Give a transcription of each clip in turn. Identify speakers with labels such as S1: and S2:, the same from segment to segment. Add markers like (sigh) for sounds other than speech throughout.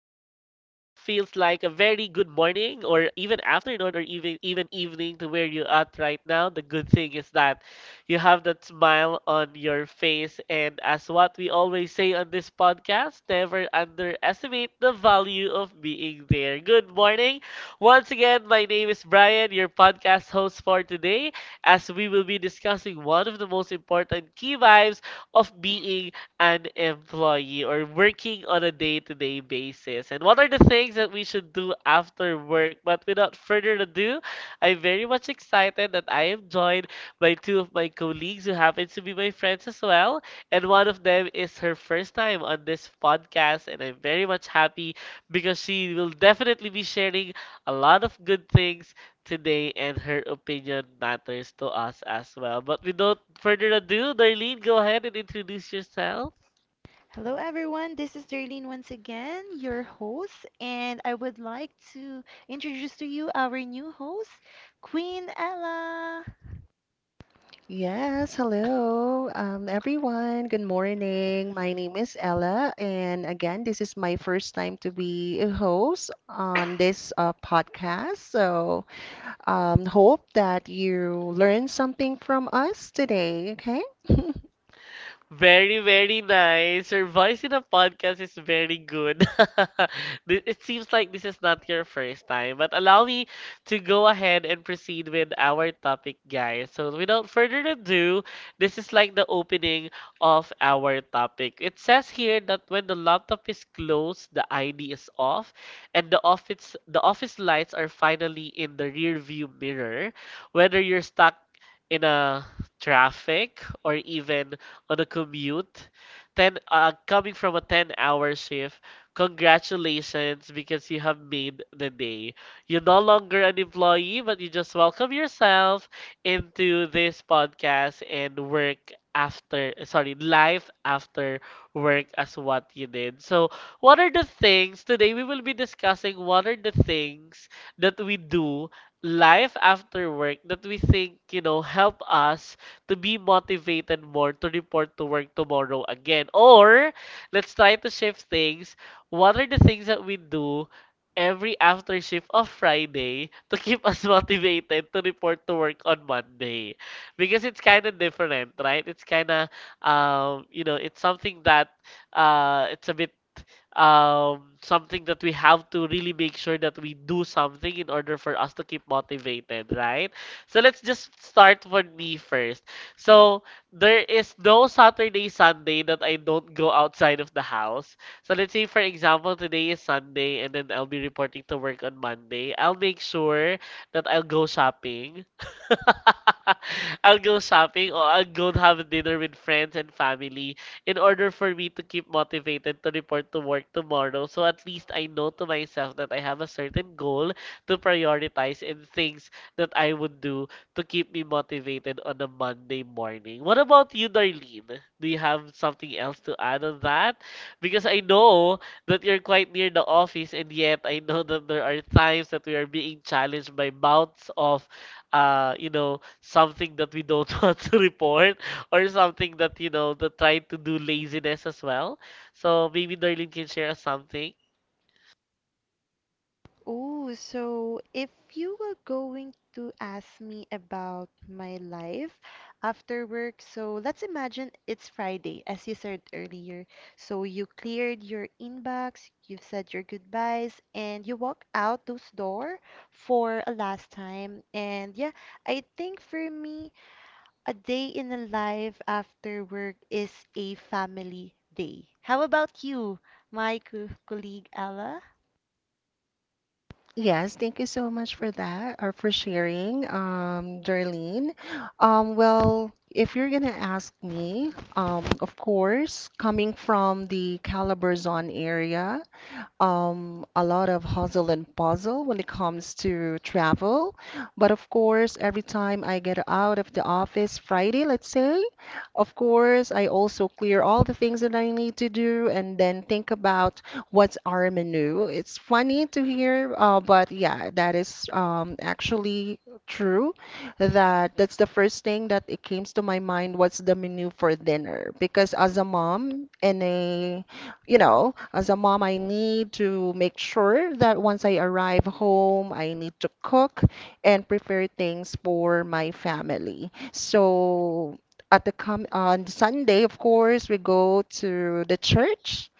S1: like a very good morning or even afternoon or even evening to where you're at right now. The good thing is that you have that smile on your face, and as what we always say on this podcast, never underestimate the value of being there. Good morning. Once again, my name is Brian, your podcast host for today, as we will be discussing one of the most important key vibes of being an employee or working on a day-to-day basis and what are the things that we should do after work. But without further ado, I'm very much excited that I am joined by two of my colleagues who happens to be my friends as well, and one of them is her first time on this podcast, and I'm very much happy because she will definitely be sharing a lot of good things today, and her opinion matters to us as well. But without further ado, Darlene, go ahead and introduce yourself.
S2: Hello, everyone. This is Darlene once again, your host, and I would like to introduce to you our new host, Queen Ella.
S3: Yes, hello, everyone. Good morning. My name is Ella, and again, this is my first time to be a host on this podcast. So, hope that you learn something from us today. Okay. (laughs)
S1: Very, very nice. Your voice in a podcast is very good. (laughs) It seems like this is not your first time, but allow me to go ahead and proceed with our topic, guys. So, without further ado, this is like the opening of our topic. It says here that when the laptop is closed, the ID is off, and the office lights are finally in the rear view mirror. Whether you're stuck in a traffic or even on a commute, 10 coming from a 10-hour shift, congratulations because you have made the day. You're no longer an employee, but you just welcome yourself into this podcast and work after, sorry, life after work as what you did. So, what are the things today we will be discussing? What are the things that we do life after work that we think, you know, help us to be motivated more to report to work tomorrow again? Or let's try to shift things. What are the things that we do every after shift of Friday to keep us (laughs) motivated to report to work on Monday? Because it's kind of different, right? It's kind of you know, it's something that it's a bit something that we have to really make sure that we do something in order for us to keep motivated, right? So let's just start with me first. So there is no Saturday, Sunday that I don't go outside of the house. So let's say, for example, today is Sunday and then I'll be reporting to work on Monday. I'll make sure that I'll go shopping. (laughs) I'll go shopping or I'll go have dinner with friends and family in order for me to keep motivated to report to work tomorrow. So at least I know to myself that I have a certain goal to prioritize and things that I would do to keep me motivated on a Monday morning. What about you, Darlene? Do you have something else to add on that? Because I know that you're quite near the office, and yet I know that there are times that we are being challenged by bouts of, you know, something that we don't (laughs) want to report or something that, you know, that try to do laziness as well. So maybe Darlene can share us something.
S2: Oh, so if you were going to ask me about my life after work, so let's imagine it's Friday, as you said earlier. So you cleared your inbox, you've said your goodbyes, and you walk out those door for a last time. And yeah, I think for me, a day in the life after work is a family day. How about you, my colleague Ella?
S3: Yes, thank you so much for that or for sharing, Darlene. Well, if you're gonna ask me, of course, coming from the Calabarzon area. A lot of hustle and puzzle when it comes to travel. But of course, every time I get out of the office Friday, let's say, of course, I also clear all the things that I need to do and then think about what's our menu. It's funny to hear, but yeah, that is actually true that that's the first thing that it comes to my mind, what's the menu for dinner, because as a mom and a as a mom, I need to make sure that once I arrive home, I need to cook and prepare things for my family. So at the com on Sunday, of course, we go to the church,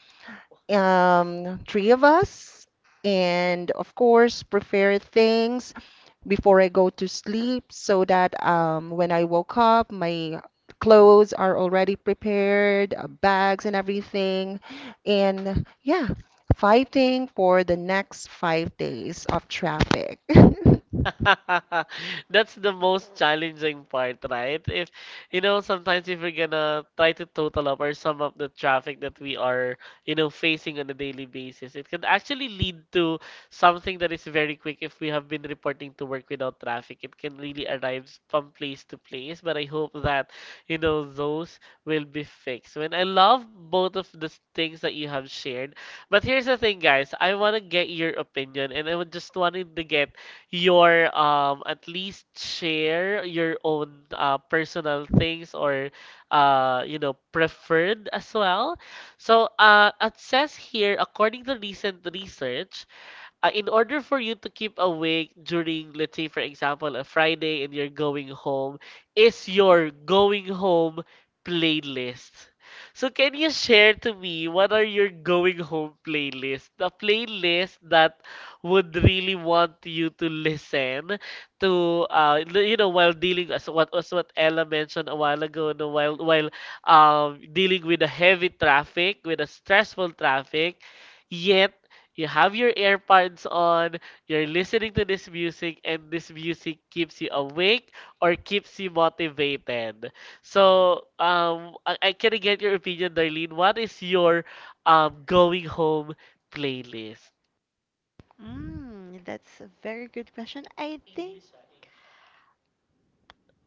S3: three of us, and of course, prepare things before I go to sleep so that when I woke up, my clothes are already prepared, bags and everything. And yeah, fighting for the next 5 days of traffic. (laughs)
S1: (laughs) That's the most challenging part, right? If you know, sometimes if we're gonna try to total up or sum up the traffic that we are, you know, facing on a daily basis, it can actually lead to something that is very quick if we have been reporting to work without traffic. It can really arrive from place to place, but I hope that, you know, those will be fixed. When I love both of the things that you have shared, but here's the thing, guys, I wanna get your opinion and I would just wanted to get your at least share your own personal things or you know preferred as well. So it says here according to recent research in order for you to keep awake during, let's say, for example, a Friday and you're going home, is your going home playlist. So can you share to me what are your going home playlists? The playlist that would really want you to listen to you know, while dealing as what Ella mentioned a while ago, no, while dealing with the heavy traffic, with the stressful traffic, yet you have your earpods on, you're listening to this music, and this music keeps you awake or keeps you motivated. So, I can I get your opinion, Darlene. What is your going home playlist?
S2: Mm, that's a very good question. I think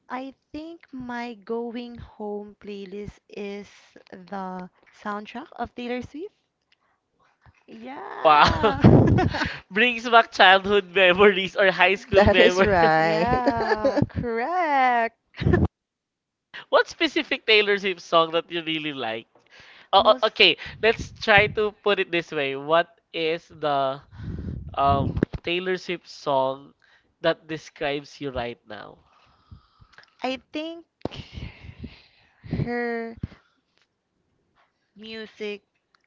S2: I think my going home playlist is the soundtrack of Taylor Swift.
S1: Wow.
S2: Yeah. (laughs)
S1: (laughs) Brings back childhood memories or high school
S3: That is
S1: memories.
S3: right.
S2: Yeah, correct. (laughs)
S1: (laughs) What specific Taylor Swift song that you really like? Oh,
S2: Most
S1: okay, let's try to put it this way. What is the um, Taylor Swift song that describes you right now?
S2: I think her music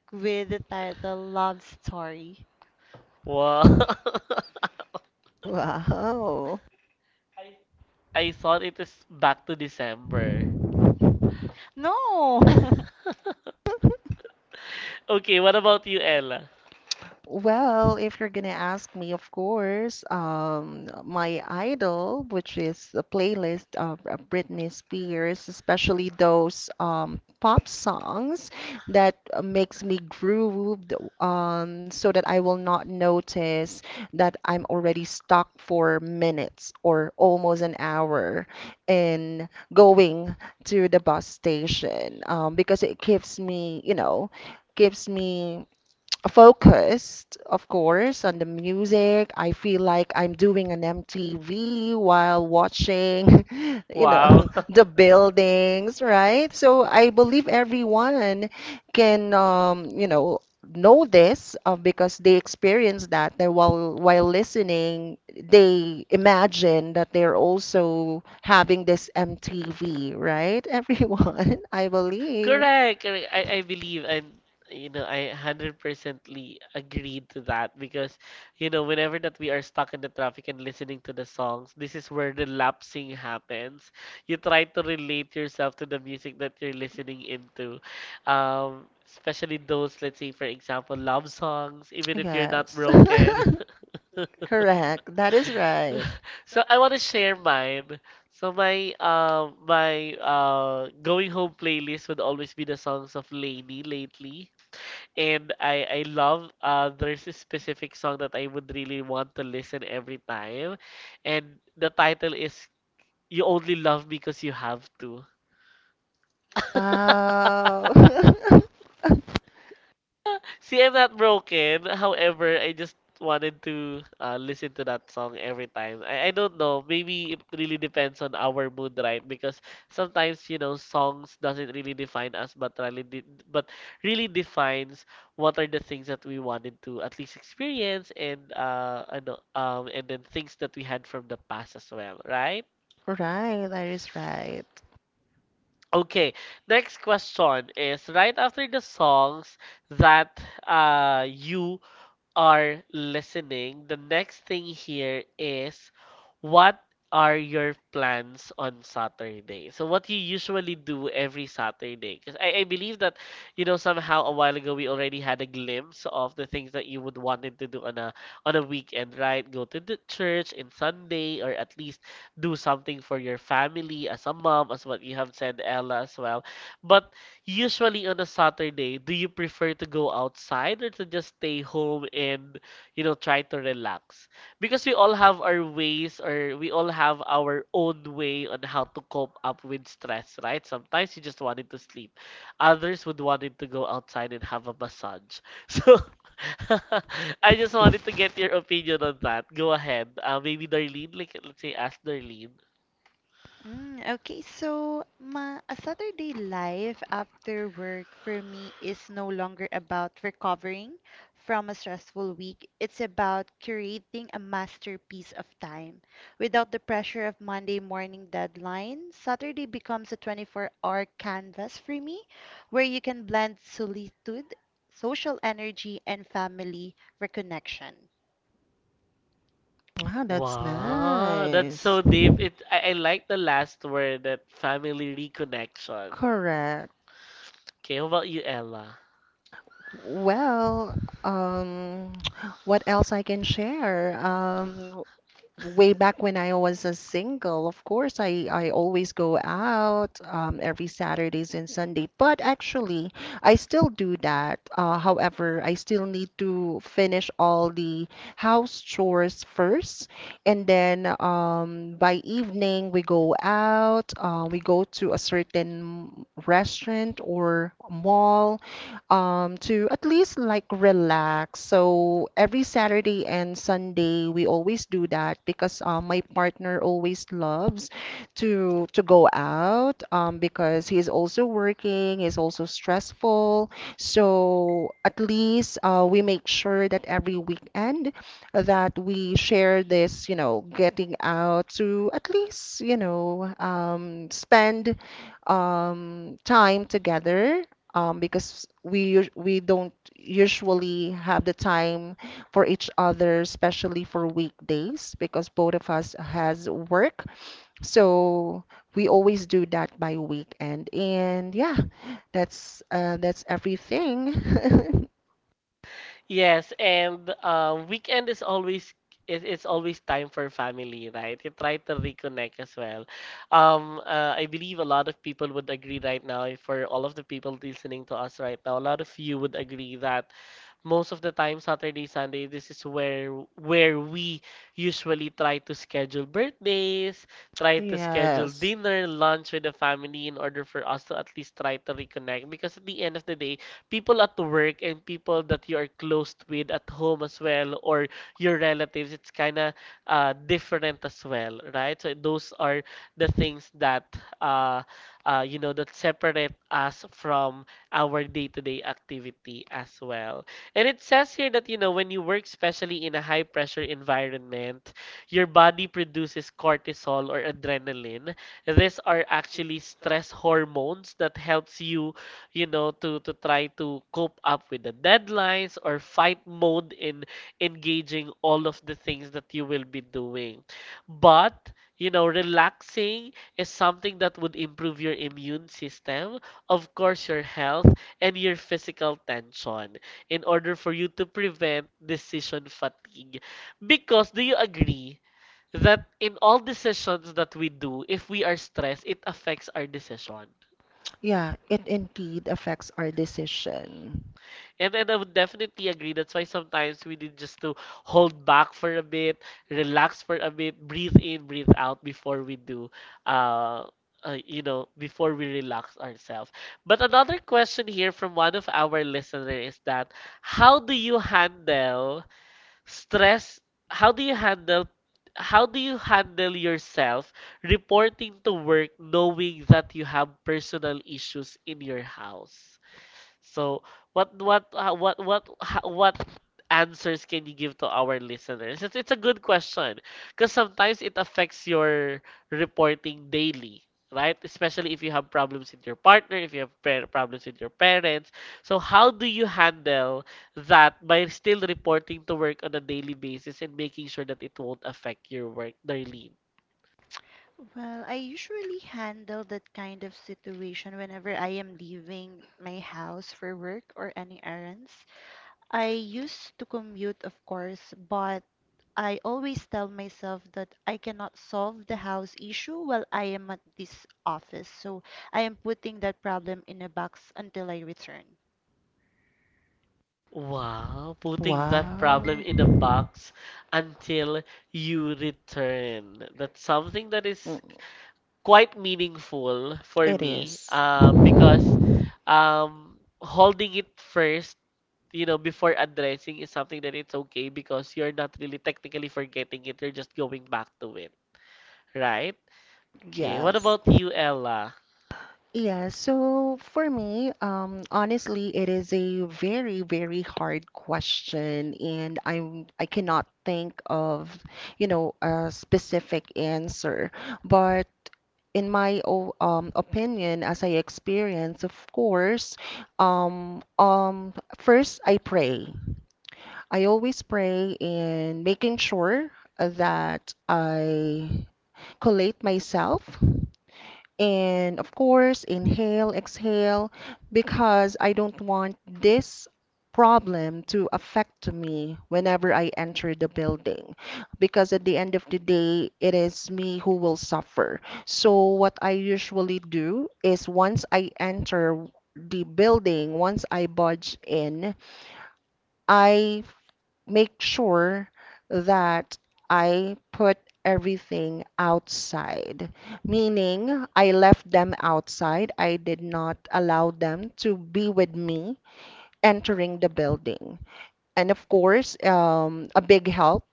S2: with the title Love Story.
S1: Wow. (laughs)
S3: (laughs) Wow.
S1: I thought it is back to December. (laughs)
S2: No! (laughs)
S1: Okay, what about you, Ella?
S3: Well, if you're gonna ask me, of course, my idol, which is a playlist of Britney Spears, especially those pop songs that makes me groove, so that I will not notice that I'm already stuck for minutes or almost an hour in going to the bus station, because it gives me, gives me focused, of course, on the music. I feel like I'm doing an MTV while watching, (laughs)
S1: Wow.
S3: (laughs)
S1: (laughs)
S3: the buildings, right? So I believe everyone can, know this because they experience that they while listening they imagine that they're also having this MTV, right? (laughs) Everyone, I believe
S1: Correct, correct. I believe and you know I hundred percently agreed to that because you know whenever that we are stuck in the traffic and listening to the songs, this is where the lapsing happens. You try to relate yourself to the music that you're listening into, especially those, let's say, for example, love songs, even
S3: they
S1: if you're not
S3: Yes.
S1: broken. (laughs)
S3: (laughs) Correct. That is right.
S1: So I want to share mine. So my going home playlist would always be the songs of Lainey lately. And I love there's a specific song that I would really want to listen every time. And the title is You Only Love Me Because You Have To.
S3: Wow. (laughs)
S1: See, I'm not broken. However, I just wanted to listen to that song every time. I don't know. Maybe it really depends on our mood, right? Because sometimes, you know, songs doesn't really define us, but but really defines what are the things that we wanted to at least experience, and and then things that we had from the past as well, right?
S3: Right, that is right.
S1: Okay, next question is right after the songs that you are listening, the next thing here is what are your plans on Saturday? So what you usually do every Saturday? Because I believe that, you know, somehow a while ago we already had a glimpse of the things that you would wanted to do on a weekend, right? Go to the church in Sunday or at least do something for your family as a mom, as what you have said, Ella, as well. But usually on a Saturday, do you prefer to go outside or to just stay home and, you know, try to relax? Because we all have our ways or we all have our own way on how to cope up with stress, right? Sometimes you just wanted to sleep. Others would wanted to go outside and have a massage. (laughs) So (laughs) I just wanted to get your opinion on that. Go ahead. Maybe Darlene, like let's say ask Darlene.
S2: Mm, okay, so my a Saturday life after work for me is no longer about recovering from a stressful week. It's about creating a masterpiece of time. Without the pressure of Monday morning deadline, Saturday becomes a 24-hour canvas for me, where you can blend solitude, social energy, and family reconnection.
S3: Wow, that's
S1: Wow, that's
S3: nice.
S1: so deep. It I like the last word, that family reconnection.
S3: Correct.
S1: Okay, how about you, Ella?
S3: Well, um, (tsk) what else I can share? Way back when I was a single, of course, I always go out every Saturdays and Sunday. But actually, I still do that. However, I still need to finish all the house chores first, and then by evening we go out. We go to a certain restaurant or mall to at least like relax. So every Saturday and Sunday, we always do that because my partner always loves to go out because he's also working, he's also stressful. So at least we make sure that every weekend that we share this, getting out to at least, spend time together because we don't usually have the time for each other, especially for weekdays, because both of us has work. So we always do that by weekend. And yeah, that's everything. (laughs)
S1: Yes, and weekend is always it's always time for family, right? You try to reconnect as well. I believe a lot of people would agree right now. For all of the people listening to us right now, a lot of you would agree that most of the time Saturday, Sunday, this is where we usually try to schedule birthdays, try to schedule
S3: Yes.
S1: dinner, lunch with the family in order for us to at least try to reconnect, because at the end of the day, people at work and people that you are close with at home as well or your relatives, it's kind of different as well, right? So those are the things that you know, that separate us from our day-to-day activity as well. And it says here that, you know, when you work, especially in a high pressure environment, your body produces cortisol or adrenaline. These are actually stress hormones that helps you, you know, to try to cope up with the deadlines or fight mode in engaging all of the things that you will be doing. But, you know, relaxing is something that would improve your immune system, of course, your health, and your physical tension in order for you to prevent decision fatigue. Because do you agree that in all decisions that we do, if we are stressed, it affects our decision?
S3: Yeah, it indeed affects our decision.
S1: And I would definitely agree. That's why sometimes we need just to hold back for a bit, relax for a bit, breathe in, breathe out before we do, uh, before we relax ourselves. But another question here from one of our listeners is that how do you handle Stress, how do you handle how do you handle yourself reporting to work knowing that you have personal issues in your house? So, what answers can you give to our listeners? It's a good question because sometimes it affects your reporting daily, right? Especially if you have problems with your partner, if you problems with your parents. So, how do you handle that by still reporting to work on a daily basis and making sure that it won't affect your work, Darlene?
S2: Well, I usually handle that kind of situation whenever I am leaving my house for work or any errands. I used to commute, of course, but I always tell myself that I cannot solve the house issue while I am at this office. So I am putting that problem in a box until I return.
S1: Wow, putting that
S3: Wow.
S1: problem in a
S3: Mm,
S1: box until you return. That's something that is quite meaningful for
S3: it
S1: me,
S3: is.
S1: because holding it first, you know, before addressing is something that it's okay because you're not really technically forgetting it, you're just going back to it, right? Okay, what about you, Ella?
S3: Yeah, so for me, honestly, it is a very, very hard question, and I cannot think of, a specific answer. But in my o opinion, as I experience, of course, um, um, first I pray. I always pray in making sure that I collate myself. And of course, inhale, exhale, because I don't want this problem to affect me whenever I enter the building. Because at the end of the day, it is me who will suffer. So, what I usually do is once I enter the building, once I budge in, I f- make sure that I put everything outside, meaning I left them outside. I did not allow them to be with me entering the building. And of course, a big help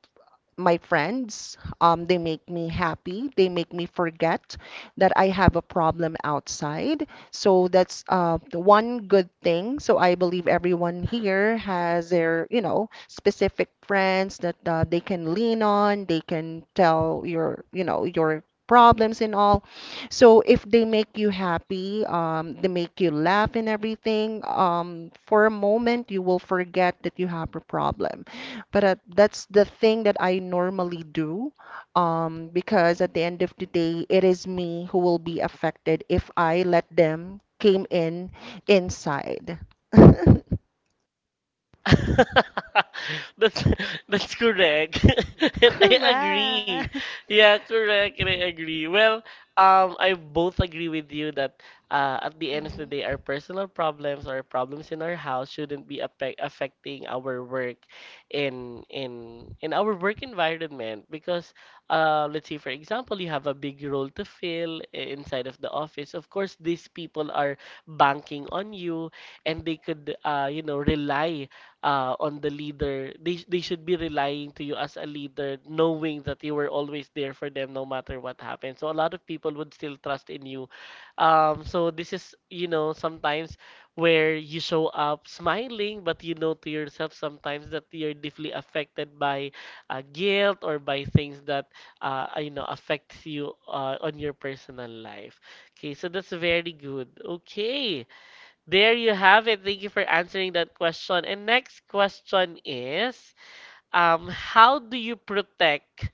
S3: my friends. They make me happy. They make me forget that I have a problem outside. So that's the one good thing. So I believe everyone here has their, specific friends that they can lean on. They can tell your, your problems and all. So if they make you happy, they make you laugh and everything, for a moment you will forget that you have a problem. But that's the thing that I normally do, because at the end of the day, it is me who will be affected if I let them came in inside. (laughs)
S1: (laughs) That's that's correct. (laughs) And I
S2: Correct.
S1: agree.
S2: (laughs)
S1: Yeah, correct. And I agree. Well, I both agree with you that at the end of the
S2: hmm
S1: day, our personal problems or problems in our house shouldn't be affecting our work in our work environment because let's say for example, you have a big role to inside of the office. Of course, these people are banking on you and they could you know rely on the leader. They should be relying to you as a leader, knowing that you were always there for them no matter what happened. So a lot of people would still trust in you. So this is, you know, sometimes where you show up smiling, but you know to yourself sometimes that you're deeply affected by guilt or by things that, you know, affects you on your personal life. Okay, so that's very good. Okay. There you have it. Thank you for answering that question. And next question is, how do you protect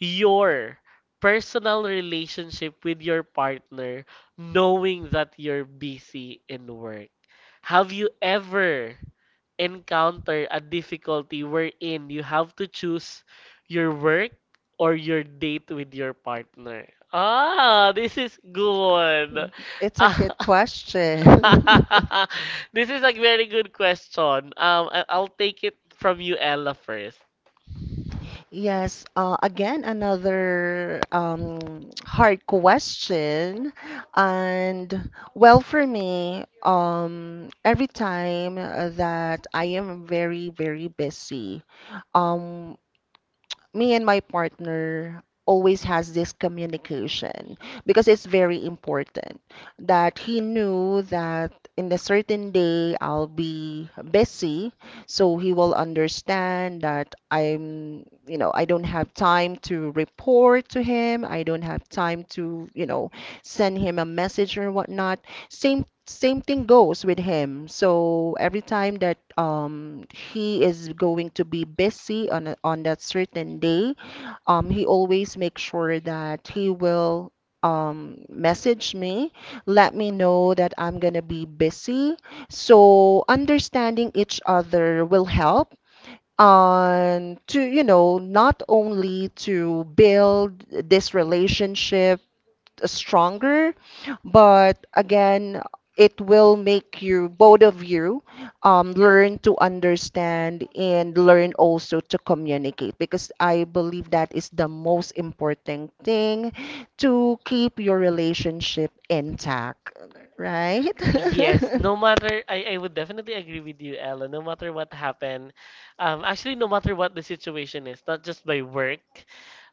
S1: your personal relationship with your partner knowing that you're busy in work? Have you ever encounter a difficulty wherein you have to choose your work or your date with your partner? Ah, this is good. (laughs)
S3: It's a good question. (laughs) (laughs)
S1: This is a very good question. I'll take it from you, Ella, first.
S3: Yes, again, another hard question. And well, for me, every time that I am very, very busy, um, me and my partner always has this communication because it's very important that he knew that in a certain day I'll be busy, so he will understand that I'm, I don't have time to report to him, I don't have time to, send him a message or whatnot. same Same thing goes with him. So every time that he is going to be busy on on that certain day, he always makes sure that he will message me, let me know that I'm gonna be busy. So understanding each other will help on to, not only to build this relationship stronger, but again, it will make you, both of you, learn to understand and learn also to communicate, because I believe that is the most important thing to keep your relationship intact, right?
S1: Yes, no
S3: (laughs)
S1: matter, I would definitely agree with you, Ella. No matter what happened, actually, no matter what the situation is, not just by work,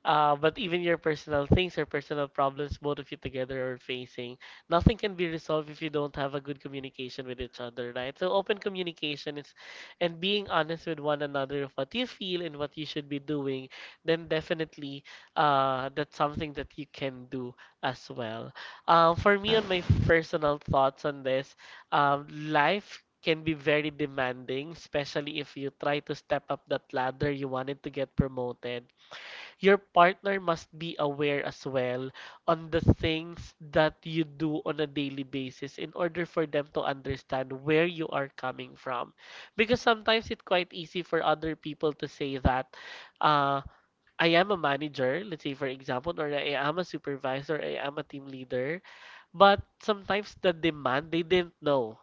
S1: but even your personal things or personal problems both of you together are facing, nothing can be resolved if you don't have a good communication with each other, right? So open communication is, and being honest with one another of what you feel and what you should be doing, then definitely, that's something that you can do as well. For me, on personal thoughts on this, life can be very demanding, especially if you try to step up that ladder you wanted to get promoted. Your partner must be aware as well on the things that you do on a daily basis in order for them to understand where you are coming from. Because sometimes it's quite easy for other people to say that uh, I am a manager, let's say for example, or I am a supervisor, I am a team leader but sometimes the demand they didn't know,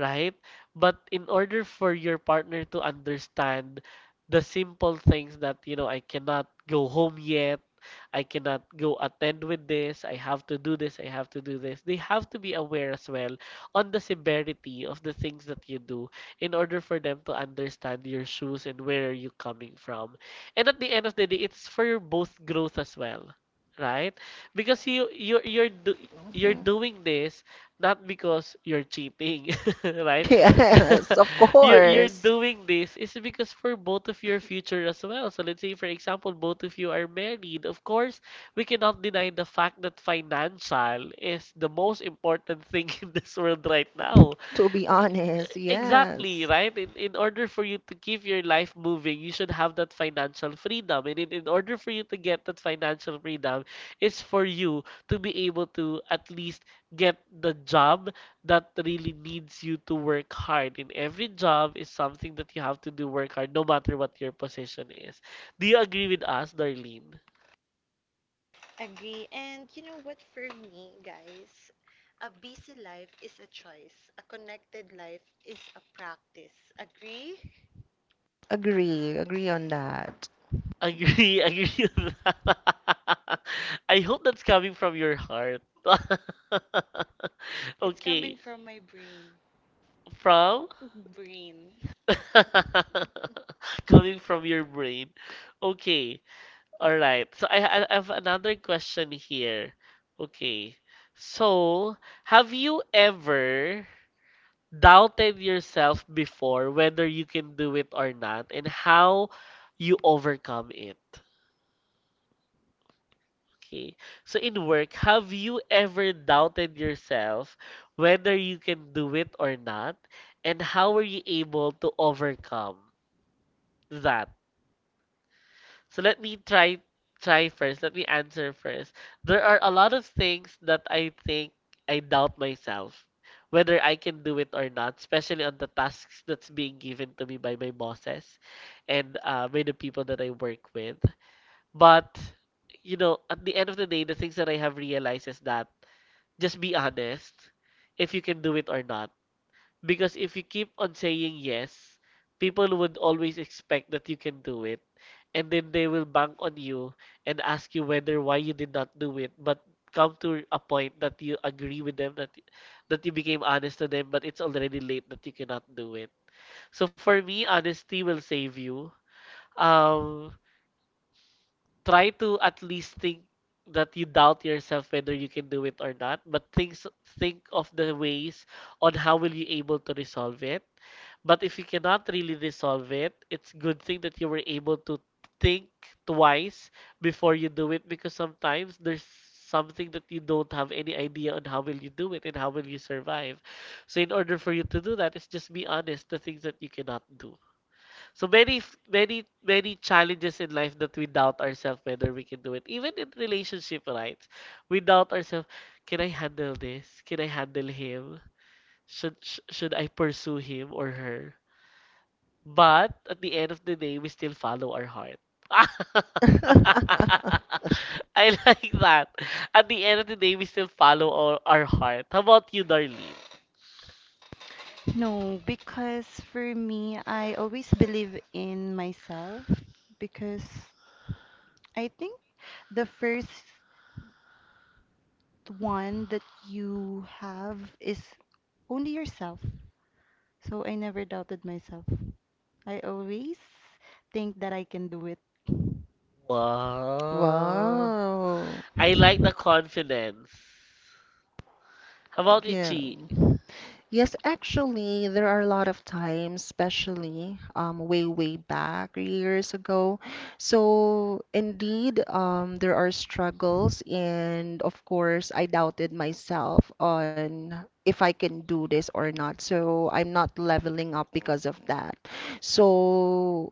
S1: right? But in order for your partner to understand the simple things that, you know, I cannot go home yet, I cannot go attend with this, I have to do this, I have to do this, they have to be aware as well on the severity of the things that you do in order for them to understand your shoes and where you're coming from. And at the end of the day, it's for your both growth as well, right? Because you're
S3: Mhm.
S1: doing this not because you're cheating, (laughs) right?
S3: Yes, of
S1: (laughs) You're
S3: course.
S1: doing this is because for both of your future as well. So let's say for example both of you are married. Of course, we cannot deny the fact that financial is the most important thing (laughs) in this world right now.
S3: To be honest,
S1: Exactly,
S3: yes.
S1: right? In order for you to keep your life moving, you should have that financial freedom. And in order for you to get that financial freedom, it's for you to be able to at least get the job that really needs you to work hard in every job is something that you have to do work hard no matter what your position is, do you agree with us, Darlene?
S2: Agree. And you know what, for me, guys, a busy life is a choice, a connected life is a practice. Agree?
S3: Agree, agree on that.
S1: Agree, (laughs) agree with that. (laughs) I hope that's coming from your heart. (laughs)
S2: It's
S1: Okay,
S2: coming from my brain.
S1: from
S2: (laughs) Brain.
S1: (laughs) coming from your brain, okay, all right. So I have another question here, okay, so have you ever doubted yourself before whether you can do it or not and how you overcome it. Okay. So in work, have you ever doubted yourself whether you can do it or not and how were you able to overcome that? So let me try first. Let me answer first. There are a lot of things that I think I doubt myself whether I can do it or not, especially on the tasks that's being given to me by my bosses and by the people that I work with. But you know, at the end of the day, the things that I have realized is that just be honest if you can do it or not. Because if you keep on saying yes, people would always expect that you can do it. And then they will bank on you and ask you whether why you did not do it. But come to a point that you agree with them, that, that you became honest to them, but it's already late that you cannot do it. So for me, honesty will save you. Um, try to at least think that you doubt yourself whether you can do it or not, but think of the ways on how will you able to resolve it, but if you cannot really resolve it, it's good thing that you were able to think twice before you do it because sometimes there's something that you don't have any idea on how will you do it and how will you survive. So in order for you to do that, it's just be honest the things that you cannot do. So many many challenges in life that we doubt ourselves whether we can do it. Even in relationship, right? We doubt ourselves, can I handle this? Can I handle him? Should I pursue him or her? But at the end of the day, we still follow our heart. (laughs) I
S3: (laughs)
S1: like that. At the end of the day, we still follow our heart. How about you, Darlene?
S2: No, because for me, I always believe in myself, because I think the first one that you have is only yourself. So I never doubted myself. I always think that I can do it.
S1: Wow.
S3: Wow.
S1: I like the confidence. How about you,
S3: Yeah.
S1: Chi?
S3: Yes, actually, there are a lot of times, especially way, way back years ago. So, indeed, there are struggles, and of course, I doubted myself on if I can do this or not. So, I'm not leveling up because of that. So,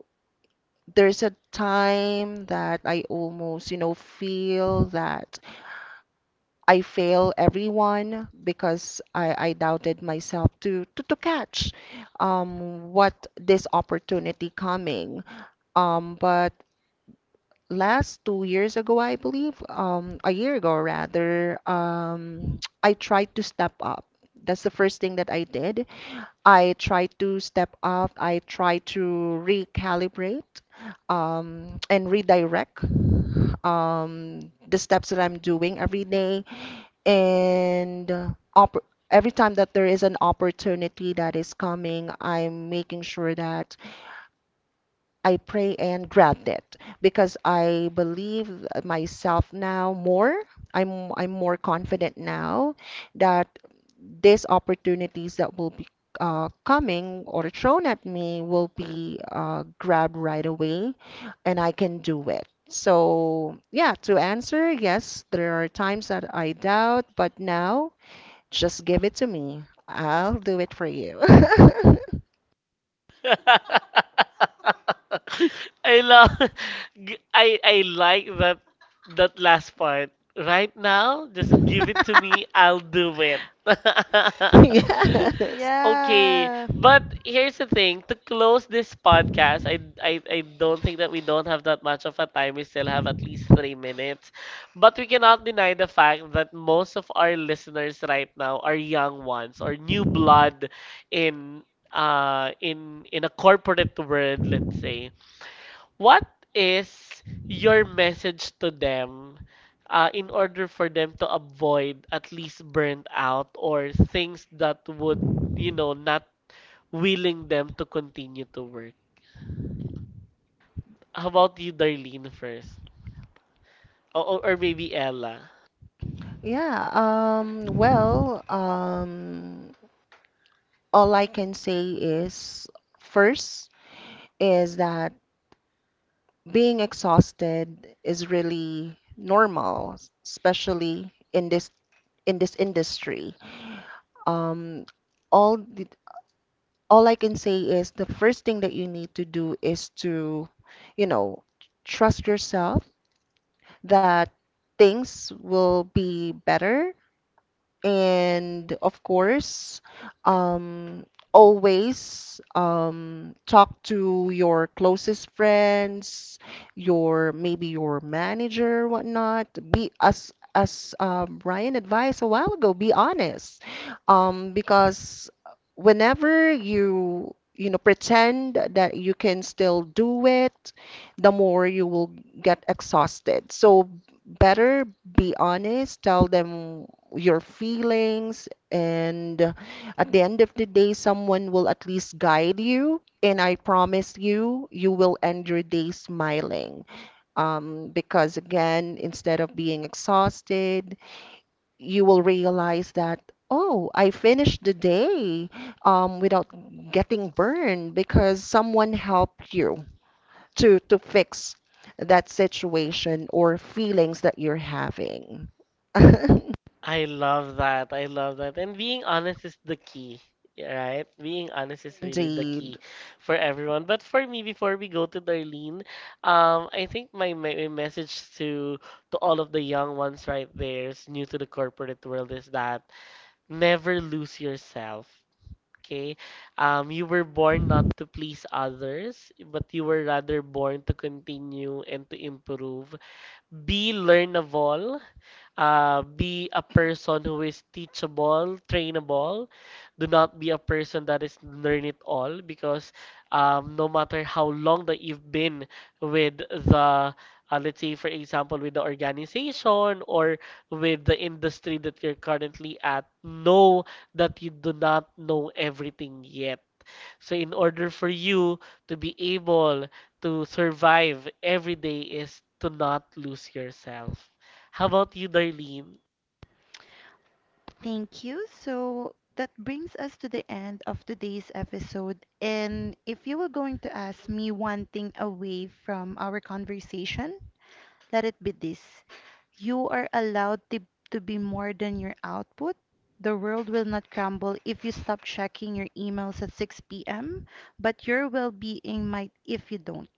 S3: there's a time that I almost, feel that. I fail everyone because I doubted myself to catch what this opportunity coming. But last 2 years ago, I believe, a year ago rather, (tsk) I tried to step up. That's the first thing that I did. I tried to step up. I tried to recalibrate and redirect the steps that I'm doing every day and every time that there is an opportunity that is coming, I'm making sure that I pray and grab it because I believe myself now more. I'm more confident now that these opportunities that will be coming or thrown at me will be grabbed right away and I can do it. So, yeah, to answer, yes, there are times that I doubt, but now just give it to me. I'll do it for you. (laughs)
S1: (laughs) I love I like that that last part. Right now, just give it to
S2: (laughs)
S1: me. I'll do it. (laughs)
S3: Yes.
S1: Okay,
S2: yeah.
S1: but here's the thing. To close this podcast, I don't think that we don't have that much of a time. We still have at least 3 minutes, but we cannot deny the fact that most of our listeners right now are young ones or new blood in in a corporate world, let's say, what is your message to them in order for them to avoid at least burnt out or things that would, you know, not willing them to continue to work? How about you, Darlene, first? Or or maybe Ella?
S3: Yeah. All I can say is first is that being exhausted is really normal, especially in this industry. Um, all the, all I can say is the first thing that you need to do is to, you know, trust yourself that things will be better, and of course um always talk to your closest friends, your maybe your manager whatnot. Be as Ryan advised a while ago, be honest because whenever you, you know pretend that you can still do it, the more you will get exhausted. So better be honest, tell them your feelings, and at the end of the day someone will at least guide you, and I promise you you will end your day smiling, because again, instead of being exhausted, you will realize that, oh, I finished the day, without getting burned, because someone helped you to fix that situation or feelings that you're having. (laughs)
S1: I love that. I love that. And being honest is the key, right? Being honest is really the
S3: Indeed.
S1: key for everyone. But for me, before we go to Darlene, I think my my message to all of the young ones right there, is new to the corporate world, is that never lose yourself. Okay, you were born not to please others, but you were rather born to continue and to improve. Be learnable, be a person who is teachable, trainable. Do not be a person that is learn it all because no matter how long that you've been with the, let's say, for example, with the organization or with the industry that you're currently at, know that you do not know everything yet. So, in order for you to be able to survive every day, is to not lose yourself. How about you, Darlene?
S2: Thank you. So that brings us to the end of today's episode. And if you were going to ask me one thing away from our conversation, let it be this. You are allowed to be more than your output. The world will not crumble if you stop checking your emails at 6 p.m., but your well being might if you don't.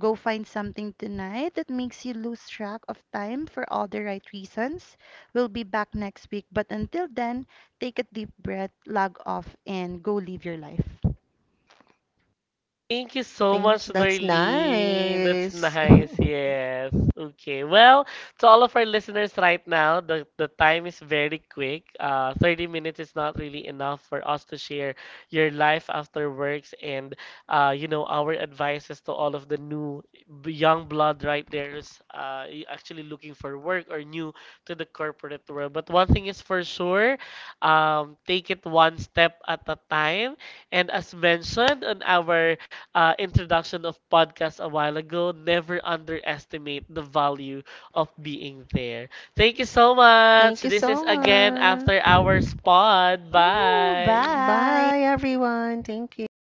S2: Go find something tonight that makes you lose track of time for all the right reasons. We'll be back next week, but until then, take a deep breath, log off, and go live your life.
S1: Thank you so
S3: Thank,
S1: much,
S3: that's
S1: Darlene. That's
S3: nice. (laughs)
S1: nice. Yes. Okay. Well, to all of our listeners right now, the time is very quick. 30 minutes is not really enough for us to share your life after works and, you know, our advices to all of the new young blood right there is actually looking for work or new to the corporate world. But one thing is for sure, take it one step at a time. And as mentioned on our introduction of podcasts a while ago, never underestimate the value of being there. Thank you so much.
S3: Thank you
S1: This
S3: so
S1: is again
S3: much.
S1: After Hours Pod.
S2: Ooh,
S1: Bye.
S2: bye.
S3: Bye, everyone. Thank you.